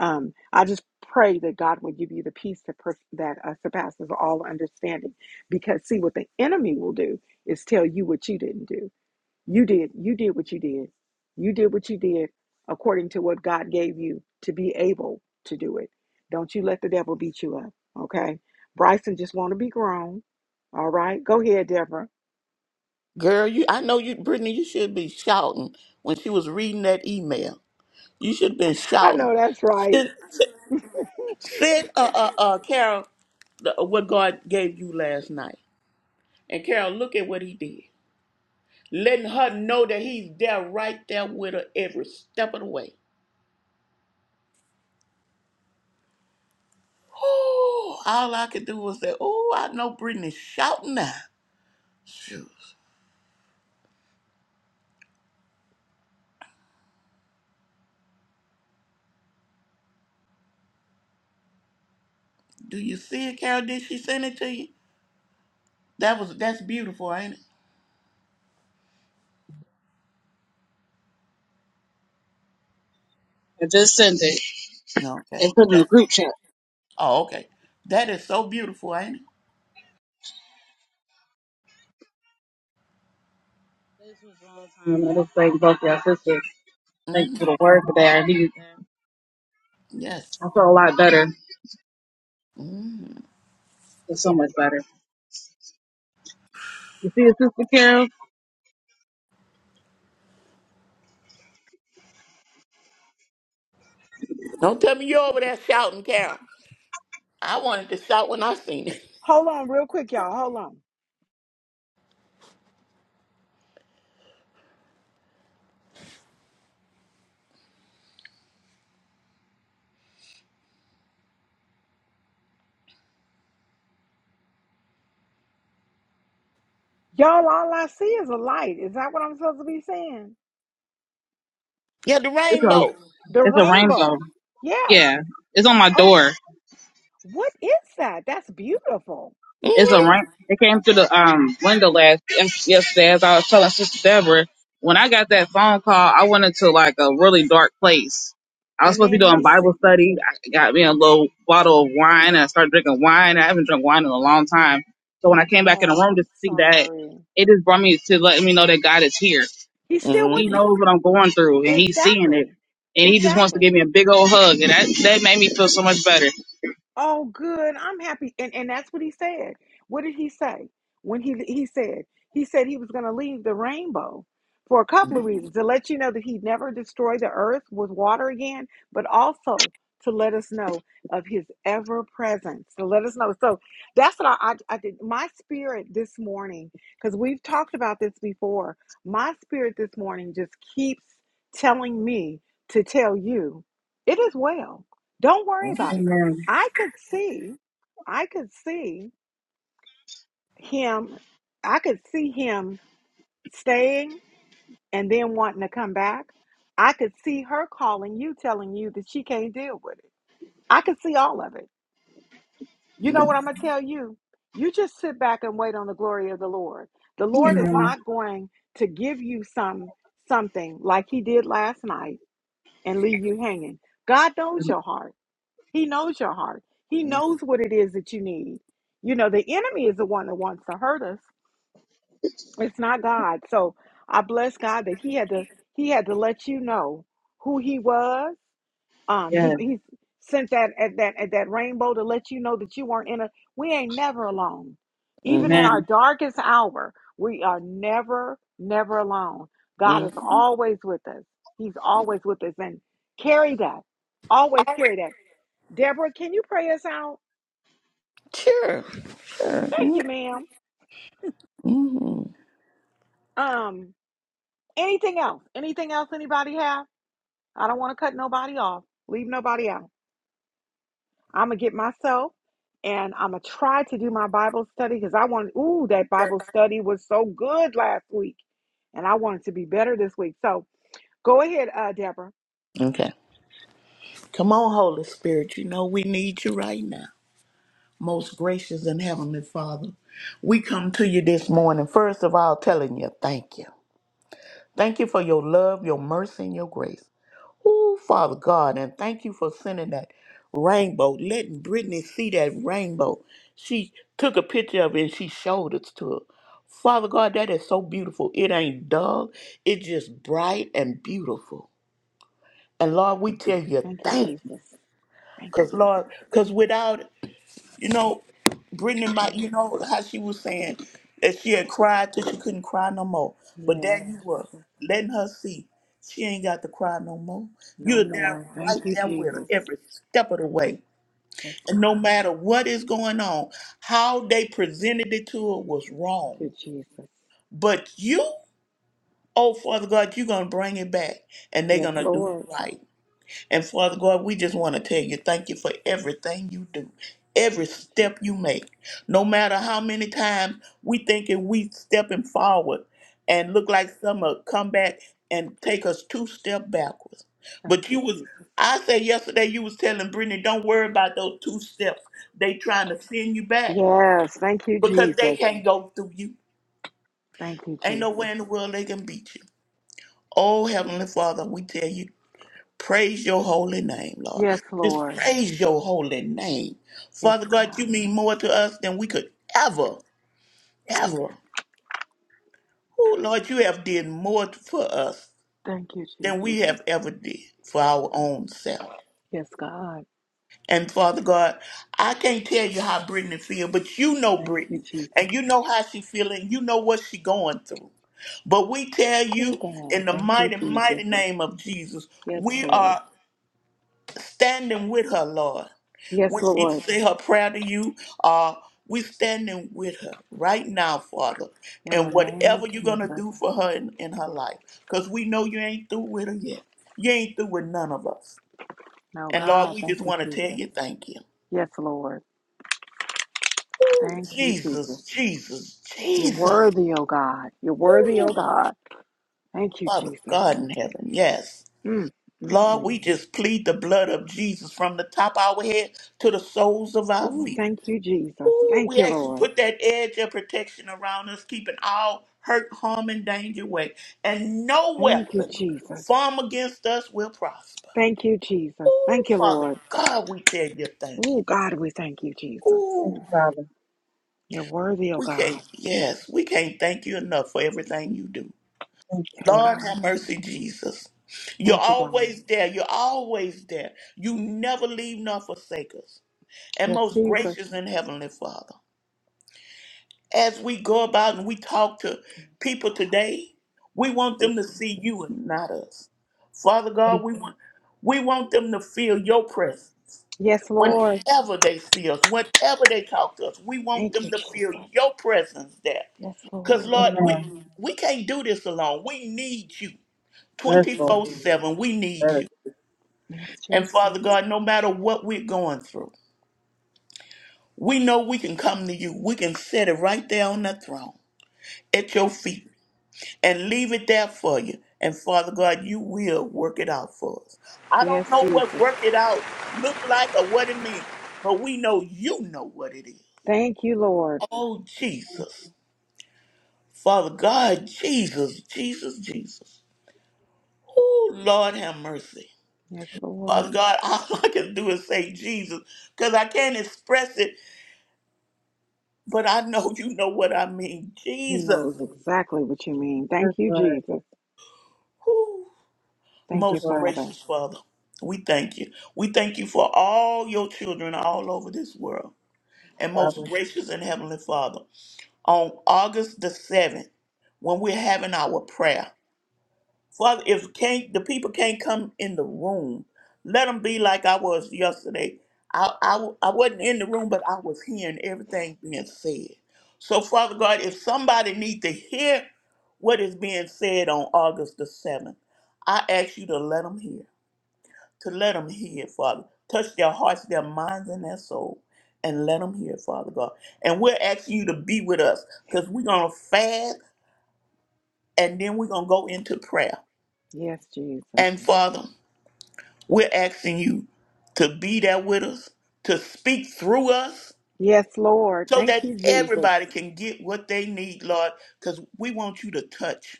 [SPEAKER 1] Um, I just pray that God will give you the peace that, pers- that uh, surpasses all understanding. Because, see, what the enemy will do is tell you what you didn't do You did. You did what you did. You did what you did according to what God gave you to be able to do it. Don't you let the devil beat you up, okay? Bryson just want to be grown. All right. Go ahead, Deborah.
[SPEAKER 2] Girl, you I know you Brittany, you should be shouting when she was reading that email. You should have been
[SPEAKER 1] I
[SPEAKER 2] shouting.
[SPEAKER 1] know that's right.
[SPEAKER 2] Send, send uh uh uh Carol the, uh, what God gave you last night. And Carol, look at what he did. Letting her know that he's there right there with her every step of the way. Ooh, all I could do was say, Oh, I know Brittany's shouting now. Shoot. Do you see it, Carol? Did she send it to you? That was that's beautiful, ain't it?
[SPEAKER 3] I just sent it
[SPEAKER 2] Okay.
[SPEAKER 3] and put it in the
[SPEAKER 2] That,
[SPEAKER 3] group chat.
[SPEAKER 2] oh, okay. That is so beautiful, ain't it?
[SPEAKER 3] This was a long time. I just thank both y'all sisters. Thanks
[SPEAKER 2] hmm
[SPEAKER 3] for the word today. I needed that.
[SPEAKER 2] Yes.
[SPEAKER 3] I feel a lot better.
[SPEAKER 2] hmm
[SPEAKER 3] It's so much better. You see it, Sister Carol?
[SPEAKER 2] Don't tell me you're over there shouting, Carol. I wanted to shout when I seen it.
[SPEAKER 1] Hold on real quick, y'all. Hold on. Y'all, all I see is a light. Is that what I'm supposed to be saying?
[SPEAKER 2] Yeah, the
[SPEAKER 3] It's a,
[SPEAKER 2] rainbow.
[SPEAKER 1] The
[SPEAKER 3] it's a rainbow.
[SPEAKER 1] rainbow. Yes.
[SPEAKER 3] Yeah. It's on my
[SPEAKER 1] Oh,
[SPEAKER 3] door.
[SPEAKER 1] what is that? That's beautiful.
[SPEAKER 3] It's a
[SPEAKER 2] mm
[SPEAKER 3] rank. It came through the um window last yes- yesterday. As I was telling Sister Deborah, when I got that phone call, I went into like a really dark place. I was
[SPEAKER 1] And
[SPEAKER 3] supposed to be
[SPEAKER 1] then
[SPEAKER 3] doing
[SPEAKER 1] he said,
[SPEAKER 3] Bible study. I got me a little bottle of wine. And I started drinking wine. I haven't drunk wine in a long time. So when I came back in the
[SPEAKER 1] Oh,
[SPEAKER 3] room to
[SPEAKER 1] I'm
[SPEAKER 3] speak that,
[SPEAKER 1] sorry.
[SPEAKER 3] it just brought me to let me know that God is here.
[SPEAKER 1] He's still with
[SPEAKER 3] He
[SPEAKER 2] hmm
[SPEAKER 1] you.
[SPEAKER 3] knows what I'm going through and He's seeing it.
[SPEAKER 1] Exactly.
[SPEAKER 3] And he just wants to
[SPEAKER 1] Exactly.
[SPEAKER 3] give me a big old hug, and that, that made me feel so much better.
[SPEAKER 1] Oh, good. I'm happy. And and that's what he said. What did he say? When he he said he said he was going to leave the rainbow for a couple of
[SPEAKER 2] mm
[SPEAKER 1] reasons to let you know that he would never destroy the earth with water again, but also to let us know of his ever presence. To let us know. So that's what I I, I did. My spirit this morning, because we've talked about this before. My spirit this morning just keeps telling me to tell you, it is well. Don't worry
[SPEAKER 2] hmm
[SPEAKER 1] about it.
[SPEAKER 3] Amen.
[SPEAKER 1] I could see, I could see him, I could see him staying and then wanting to come back. I could see her calling you, telling you that she can't deal with it. I could see all of it. You know what I'm going to tell you? You just sit back and wait on the glory of the Lord. The
[SPEAKER 2] hmm
[SPEAKER 1] Lord is
[SPEAKER 3] Amen.
[SPEAKER 1] not going to give you some something like he did last night and leave you hanging. God knows your heart. He knows your heart. He
[SPEAKER 2] hmm
[SPEAKER 1] knows what it is that you need. You know, the enemy is the one that wants to hurt us. It's not God. So I bless God that he had to he had to let you know who he was. Um he
[SPEAKER 3] Yes.
[SPEAKER 1] he sent that at that at that rainbow to let you know that you weren't in a we ain't never alone. Even in
[SPEAKER 2] hmm
[SPEAKER 1] our
[SPEAKER 3] Amen.
[SPEAKER 1] darkest hour, we are never never alone. God is
[SPEAKER 2] hmm
[SPEAKER 1] always with us. He's always with us and carry that. Always
[SPEAKER 2] Always.
[SPEAKER 1] carry that. Deborah, can you pray us out?
[SPEAKER 2] Sure.
[SPEAKER 1] Thank
[SPEAKER 2] Sure.
[SPEAKER 1] you, ma'am.
[SPEAKER 2] hmm
[SPEAKER 1] Um, anything else? Anything else anybody have? I don't want to cut nobody off. Leave nobody out. I'm gonna get myself and I'm gonna try to do my Bible study because I want ooh, that Bible study was so good last week. And I want it to be better this week. So go ahead, uh Deborah.
[SPEAKER 2] Okay. Come on, Holy Spirit. You know we need you right now. most gracious and heavenly Father. We come to you this morning, first of all, telling you thank you. Thank you for your love, your mercy, and your grace. Oh, Father God, and thank you for sending that rainbow, letting Brittany see that rainbow. She took a picture of it and she showed it to her. Father God, that is so beautiful. It ain't dull, it's just bright and beautiful. And Lord, we tell you
[SPEAKER 1] Thank you,
[SPEAKER 2] thank you.
[SPEAKER 1] Jesus. Thank you,
[SPEAKER 2] Because, Lord,
[SPEAKER 1] Jesus.
[SPEAKER 2] because without You know, Brittany, my,
[SPEAKER 1] Thank you,
[SPEAKER 2] you
[SPEAKER 1] Lord.
[SPEAKER 2] know how she was saying that she had cried till she couldn't cry no more. But there
[SPEAKER 1] Yes,
[SPEAKER 2] you were,
[SPEAKER 1] Jesus.
[SPEAKER 2] letting her see she ain't got to cry no more.
[SPEAKER 1] No
[SPEAKER 2] You're there,
[SPEAKER 1] more.
[SPEAKER 2] right
[SPEAKER 1] Thank you,
[SPEAKER 2] there with her
[SPEAKER 1] Jesus.
[SPEAKER 2] every step of the way.
[SPEAKER 1] Yes,
[SPEAKER 2] And no
[SPEAKER 1] God.
[SPEAKER 2] matter what is going on, how they presented it to her was
[SPEAKER 1] Thank
[SPEAKER 2] wrong.
[SPEAKER 1] you, Jesus.
[SPEAKER 2] But you, oh Father God, you're gonna bring it back, and they're
[SPEAKER 1] Yes,
[SPEAKER 2] gonna do it
[SPEAKER 1] Lord.
[SPEAKER 2] right. And Father God, we just want to tell you thank you for everything you do, every
[SPEAKER 1] Thank you,
[SPEAKER 2] step you
[SPEAKER 1] Jesus.
[SPEAKER 2] make. No matter how many times we thinking we stepping forward and look like some will come back and take us two step backwards.
[SPEAKER 1] Thank
[SPEAKER 2] But you
[SPEAKER 1] you,
[SPEAKER 2] was
[SPEAKER 1] Jesus.
[SPEAKER 2] I said yesterday you was telling Brittany, don't worry about those two steps. They trying to send you back
[SPEAKER 1] Yes, thank you,
[SPEAKER 2] because they
[SPEAKER 1] Jesus.
[SPEAKER 2] can't go through you.
[SPEAKER 1] Thank you,
[SPEAKER 2] Ain't no way
[SPEAKER 1] Jesus.
[SPEAKER 2] in the world they can beat you. Oh Heavenly Father, we tell you. Praise your holy name, Lord.
[SPEAKER 1] Yes,
[SPEAKER 2] Just
[SPEAKER 1] Lord.
[SPEAKER 2] praise your holy name.
[SPEAKER 1] Yes,
[SPEAKER 2] Father God,
[SPEAKER 1] God.
[SPEAKER 2] you mean more to us than we could ever, ever. Oh, Lord, you have did more for us
[SPEAKER 1] Thank you,
[SPEAKER 2] than
[SPEAKER 1] Jesus.
[SPEAKER 2] we have ever did for our own self.
[SPEAKER 1] Yes, God.
[SPEAKER 2] And Father God, I can't tell you how Brittany feel, but you know
[SPEAKER 1] Thank you,
[SPEAKER 2] Brittany,
[SPEAKER 1] Jesus.
[SPEAKER 2] and you know how she feeling. You know what she going through. But we tell
[SPEAKER 1] Oh,
[SPEAKER 2] you in
[SPEAKER 1] God.
[SPEAKER 2] the
[SPEAKER 1] Thank you,
[SPEAKER 2] mighty,
[SPEAKER 1] Jesus.
[SPEAKER 2] mighty name of Jesus,
[SPEAKER 1] Yes,
[SPEAKER 2] we are
[SPEAKER 1] Lord.
[SPEAKER 2] standing with her, Lord.
[SPEAKER 1] Yes,
[SPEAKER 2] When she
[SPEAKER 1] Lord.
[SPEAKER 2] say her prayer to you, uh, we standing with her right now, Father.
[SPEAKER 1] In the
[SPEAKER 2] And
[SPEAKER 1] name of
[SPEAKER 2] whatever you're gonna
[SPEAKER 1] Jesus.
[SPEAKER 2] do for her in, in her life, because we know you ain't through with her yet. You ain't through with none of us.
[SPEAKER 1] No,
[SPEAKER 2] And Lord,
[SPEAKER 1] God.
[SPEAKER 2] we
[SPEAKER 1] Thank
[SPEAKER 2] just
[SPEAKER 1] you,
[SPEAKER 2] want to tell
[SPEAKER 1] Jesus.
[SPEAKER 2] you thank you.
[SPEAKER 1] Yes, Lord.
[SPEAKER 2] Ooh,
[SPEAKER 1] Thank you, Jesus.
[SPEAKER 2] Jesus, Jesus,
[SPEAKER 1] You're
[SPEAKER 2] Jesus.
[SPEAKER 1] worthy, oh God. You're worthy, oh
[SPEAKER 2] Ooh,
[SPEAKER 1] God. Thank you,
[SPEAKER 2] Father
[SPEAKER 1] Jesus.
[SPEAKER 2] God in heaven, yes.
[SPEAKER 1] Mm, mm,
[SPEAKER 2] Lord,
[SPEAKER 1] mm.
[SPEAKER 2] we just plead the blood of Jesus from the top of our head to the soles of our
[SPEAKER 1] Oh,
[SPEAKER 2] feet.
[SPEAKER 1] thank you, Jesus.
[SPEAKER 2] Ooh,
[SPEAKER 1] Thank
[SPEAKER 2] we
[SPEAKER 1] you,
[SPEAKER 2] actually
[SPEAKER 1] Lord.
[SPEAKER 2] put that edge of protection around us, keeping all hurt, harm, and danger away. And no
[SPEAKER 1] Thank you,
[SPEAKER 2] weapon
[SPEAKER 1] Jesus.
[SPEAKER 2] formed against us will prosper.
[SPEAKER 1] Thank you, Jesus.
[SPEAKER 2] Ooh,
[SPEAKER 1] Thank you,
[SPEAKER 2] Father
[SPEAKER 1] Lord.
[SPEAKER 2] God, we tell you thank you.
[SPEAKER 1] Oh, God, we thank you, Jesus.
[SPEAKER 3] Thank
[SPEAKER 2] Ooh,
[SPEAKER 3] you, Father.
[SPEAKER 1] You're worthy, oh
[SPEAKER 2] we can't,
[SPEAKER 1] God.
[SPEAKER 2] yes, we can't thank you enough for everything you do.
[SPEAKER 3] Thank
[SPEAKER 1] Yes,
[SPEAKER 2] Lord
[SPEAKER 3] Lord.
[SPEAKER 1] God.
[SPEAKER 2] have mercy, Jesus. You're
[SPEAKER 1] Thank you, God.
[SPEAKER 2] always there. You're always there. You never leave nor forsake us. And
[SPEAKER 1] Yes,
[SPEAKER 2] most
[SPEAKER 1] Jesus.
[SPEAKER 2] gracious and heavenly Father. as we go about and we talk to
[SPEAKER 1] Thank you,
[SPEAKER 2] people
[SPEAKER 1] God.
[SPEAKER 2] today, we want
[SPEAKER 1] Thank you,
[SPEAKER 2] them to see
[SPEAKER 1] Jesus.
[SPEAKER 2] you and not us. Father God, we want we want them to feel your presence
[SPEAKER 1] Yes, Lord.
[SPEAKER 2] whenever they see us, whenever they talk to us. We want
[SPEAKER 1] Thank
[SPEAKER 2] them
[SPEAKER 1] you,
[SPEAKER 2] to feel
[SPEAKER 1] Jesus.
[SPEAKER 2] your presence there.
[SPEAKER 1] Yes,
[SPEAKER 2] Because
[SPEAKER 1] Lord.
[SPEAKER 2] Lord,
[SPEAKER 3] Amen.
[SPEAKER 2] we we can't do this alone. We need you
[SPEAKER 3] Yes, Lord.
[SPEAKER 2] 24-7. We need
[SPEAKER 3] Yes,
[SPEAKER 2] you.
[SPEAKER 1] Yes,
[SPEAKER 2] And
[SPEAKER 1] Jesus.
[SPEAKER 2] Father God, no matter what we're going through, we know we can come to you. We can set it right there on that throne at your feet and leave it there for you. And Father God, you will work it out for us. I don't
[SPEAKER 1] Yes,
[SPEAKER 2] know what
[SPEAKER 1] Jesus.
[SPEAKER 2] work it out look like or what it means, but we know you know what it is.
[SPEAKER 1] Thank you, Lord.
[SPEAKER 2] Oh Jesus. Father God, Jesus, Jesus, Jesus. Oh Lord have mercy.
[SPEAKER 1] Yes,
[SPEAKER 2] Father
[SPEAKER 1] Lord.
[SPEAKER 2] God, all I can do is say Jesus, because I can't express it, but I know you know what I mean.
[SPEAKER 1] He
[SPEAKER 2] Jesus.
[SPEAKER 1] knows exactly what you mean. Thank you,
[SPEAKER 3] Lord.
[SPEAKER 1] Jesus.
[SPEAKER 3] Thank
[SPEAKER 1] Thank
[SPEAKER 3] you,
[SPEAKER 1] you,
[SPEAKER 2] Most
[SPEAKER 3] Lord.
[SPEAKER 1] Father.
[SPEAKER 2] gracious Father, we thank you. We thank you for all your children all over this world. And most
[SPEAKER 3] Father.
[SPEAKER 2] gracious and heavenly Father, on August the 7th, when we're having our prayer, Father, if can't the people can't come in the room, let them be like I was yesterday. I, I, I wasn't in the room, but I was hearing everything being said. So, Father God, if somebody need to hear what is being said on August the 7th, I ask you to let them hear to let them hear, Father. Touch their hearts, their minds, and their soul, and let them hear, Father God. And we're asking you to be with us because we're going to fast and then we're going to go into prayer.
[SPEAKER 1] Yes, Jesus.
[SPEAKER 2] And Father, we're asking you to be there with us, to speak through us
[SPEAKER 1] Yes, Lord.
[SPEAKER 2] so
[SPEAKER 1] Thank
[SPEAKER 2] that
[SPEAKER 1] you, Jesus.
[SPEAKER 2] everybody can get what they need, Lord, because we want you to touch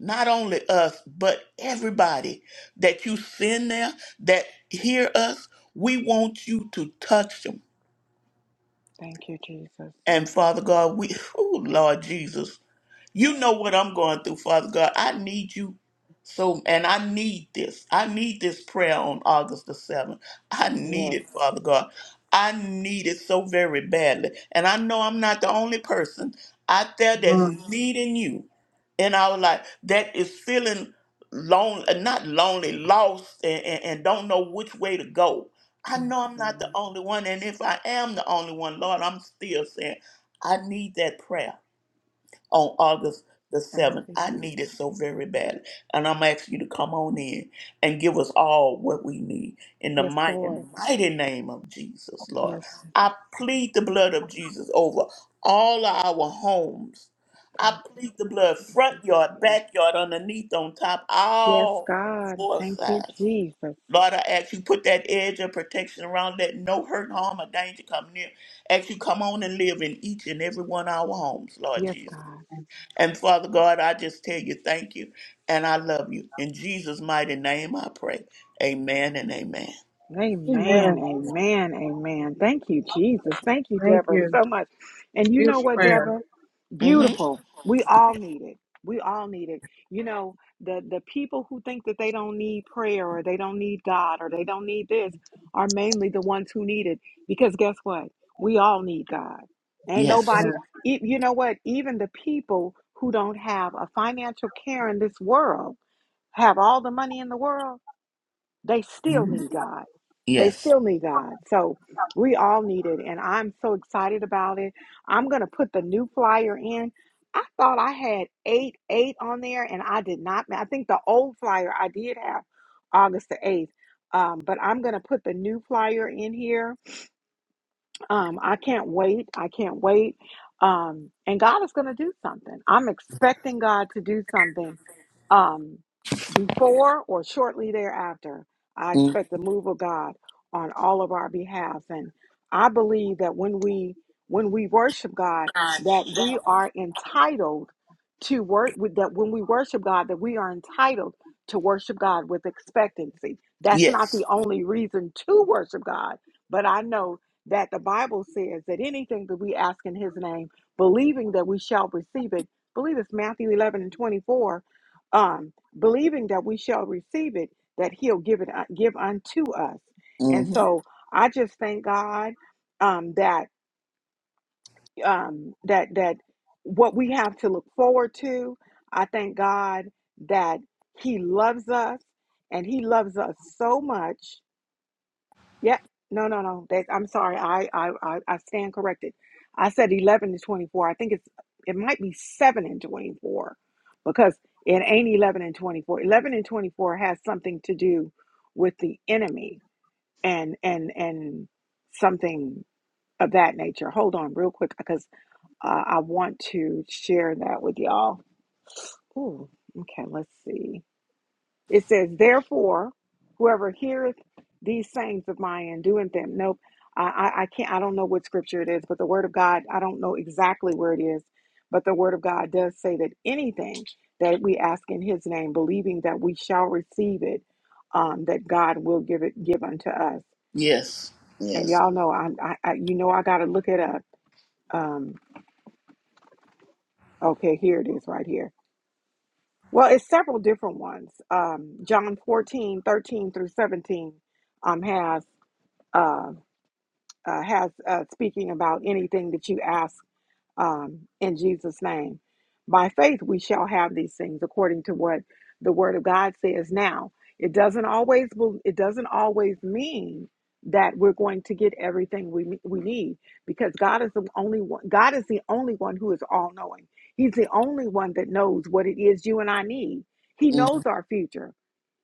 [SPEAKER 2] not only us, but everybody that you send there that hear us. We want you to touch them.
[SPEAKER 1] Thank you, Jesus.
[SPEAKER 2] And Father God, we, oh Lord Jesus, you know what I'm going through, Father God. I need you so, and I need this. I need this prayer on August the 7th. I need
[SPEAKER 1] Yes.
[SPEAKER 2] it, Father God. I need it so very badly. And I know I'm not the only person out there that's
[SPEAKER 3] Lord.
[SPEAKER 2] needing you in our life that is feeling lonely, not lonely, lost, and, and, and don't know which way to go. I
[SPEAKER 1] Yes,
[SPEAKER 2] know I'm not the
[SPEAKER 1] God.
[SPEAKER 2] only one. And if I am the only one, Lord, I'm still saying, I need that prayer on August the
[SPEAKER 1] Thank
[SPEAKER 2] 7th.
[SPEAKER 1] you,
[SPEAKER 2] I need it
[SPEAKER 1] Jesus.
[SPEAKER 2] so very badly. And I'm asking you to come on in and give us all what we need in the
[SPEAKER 1] Yes,
[SPEAKER 2] mighty,
[SPEAKER 1] Lord.
[SPEAKER 2] mighty name of Jesus, Lord.
[SPEAKER 1] Yes,
[SPEAKER 2] I
[SPEAKER 1] Jesus.
[SPEAKER 2] plead the blood of Jesus over all of our homes. I
[SPEAKER 1] Thank you,
[SPEAKER 2] plead the
[SPEAKER 1] Lord.
[SPEAKER 2] blood
[SPEAKER 1] Thank
[SPEAKER 2] front
[SPEAKER 1] you,
[SPEAKER 2] yard,
[SPEAKER 1] Jesus.
[SPEAKER 2] backyard, underneath, on top,
[SPEAKER 1] Yes,
[SPEAKER 2] all
[SPEAKER 1] God.
[SPEAKER 2] four
[SPEAKER 1] Thank you,
[SPEAKER 2] sides.
[SPEAKER 1] Jesus.
[SPEAKER 2] Lord, I ask you put that edge of protection around, let no hurt, harm, or danger come near. Ask you come on and live in each and every one of our homes, Lord
[SPEAKER 1] Yes,
[SPEAKER 2] Jesus.
[SPEAKER 1] God.
[SPEAKER 2] And Father God, I just tell you thank you and I love you. In Jesus' mighty name I pray. Amen and amen.
[SPEAKER 1] Amen,
[SPEAKER 3] Amen.
[SPEAKER 1] amen, amen. Thank you, Jesus. Thank you,
[SPEAKER 3] Thank
[SPEAKER 1] Deborah,
[SPEAKER 3] you.
[SPEAKER 1] so much. And you know
[SPEAKER 3] Beautiful
[SPEAKER 1] what,
[SPEAKER 3] prayer.
[SPEAKER 1] Deborah?
[SPEAKER 2] hmm
[SPEAKER 1] Beautiful. We all need it. We all need it. You know, the the people who think that they don't need prayer or they don't need God or they don't need this are mainly the ones who need it. Because guess what? We all need God. Ain't
[SPEAKER 2] Yes.
[SPEAKER 1] nobody. e- You know what? Even the people who don't have a financial care in this world have all the money in the world they still
[SPEAKER 2] hmm
[SPEAKER 1] need God. They
[SPEAKER 2] Yes.
[SPEAKER 1] still need God. So we all need it. And I'm so excited about it. I'm going to put the new flyer in. I thought I had 8 8 on there, and I did not. I think the old flyer I did have August the 8th. Um, but I'm going to put the new flyer in here um, I can't wait. I can't wait. Um, and God is going to do something. I'm expecting God to do something um, before or shortly thereafter. I
[SPEAKER 2] Mhm.
[SPEAKER 1] expect the move of God on all of our behalf, and I believe that when we when we worship God, that we are entitled to work. with That when we worship God, that we are entitled to worship God with expectancy. That's not
[SPEAKER 2] Yes.
[SPEAKER 1] the only reason to worship God, but I know that the Bible says that anything that we ask in his name, believing that we shall receive it, believe it's Matthew 11 and 24, um, believing that we shall receive it, that he'll give it, uh, give unto us. And
[SPEAKER 2] hmm
[SPEAKER 1] so I just thank God um, that, um, that, that what we have to look forward to, I thank God that he loves us and he loves us so much Yep. No, no, no. That I'm sorry. I, I, I, I stand corrected. I said 11 to 24. I think it's it might be 7 and 24 because it ain't 11 and 24. 11 and 24 has something to do with the enemy and and and something of that nature. Hold on real quick because uh, I want to share that with y'all. Ooh, okay, let's see. It says, therefore, whoever heareth these sayings of mine and doeth them. Nope. I, I, I can't, I don't know what scripture it is, but the word of God, I don't know exactly where it is, but the word of God does say that anything that we ask in his name, believing that we shall receive it, um, that God will give it, give unto us.
[SPEAKER 2] Yes.
[SPEAKER 1] And
[SPEAKER 2] Yes.
[SPEAKER 1] y'all know, I'm, I, I you know, I got to look it up. Um, okay, here it is right here. Well, it's several different ones. Um, John 14 13 through 17 um, has. uh, uh, has uh, speaking about anything that you ask um, in Jesus' name. By faith, we shall have these things according to what the Word of God says. Now, it doesn't always it doesn't always mean that we're going to get everything we we need because God is the only one. God is the only one who is all knowing. He's the only one that knows what it is you and I need. He knows our future.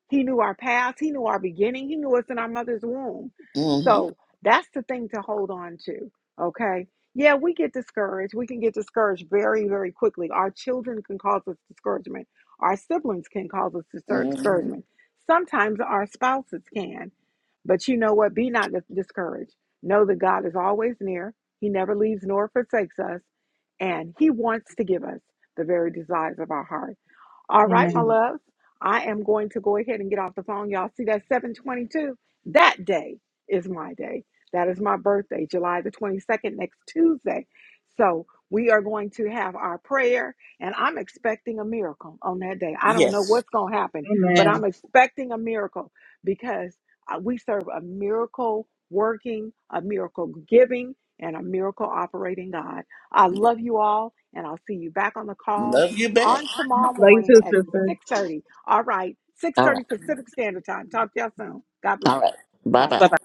[SPEAKER 1] He knew our past. He knew our beginning. He knew us in our mother's womb.
[SPEAKER 2] Mm-hmm.
[SPEAKER 1] So that's the thing to hold on to. Okay. Yeah, we get discouraged. We can get discouraged very, very quickly. Our children can cause us discouragement. Our siblings can cause us discour-
[SPEAKER 2] hmm
[SPEAKER 1] discouragement. Sometimes our spouses can. But you know what? Be not dis- discouraged. Know that God is always near. He never leaves nor forsakes us. And He wants to give us the very desires of our heart. All right, my
[SPEAKER 3] Amen.
[SPEAKER 1] loves. I am going to go ahead and get off the phone. Y'all see that 722? That day is my day. That is my birthday, July the 22nd, next Tuesday. So we are going to have our prayer, and I'm expecting a miracle on that day. I don't know
[SPEAKER 2] Yes.
[SPEAKER 1] what's going to happen, but
[SPEAKER 3] Amen.
[SPEAKER 1] I'm expecting a miracle because uh, we serve a miracle working, a miracle giving, and a miracle operating God. I love you all, and I'll see you back on the call
[SPEAKER 2] Love you back.
[SPEAKER 1] on tomorrow
[SPEAKER 3] Love you
[SPEAKER 1] morning
[SPEAKER 3] too,
[SPEAKER 1] at
[SPEAKER 3] sisters.
[SPEAKER 1] 6.30. All right,
[SPEAKER 2] All right.
[SPEAKER 1] 6.30 Pacific Standard Time. Talk to y'all soon. God
[SPEAKER 2] All
[SPEAKER 1] bless.
[SPEAKER 2] right. Bye bye.
[SPEAKER 1] Bye-bye.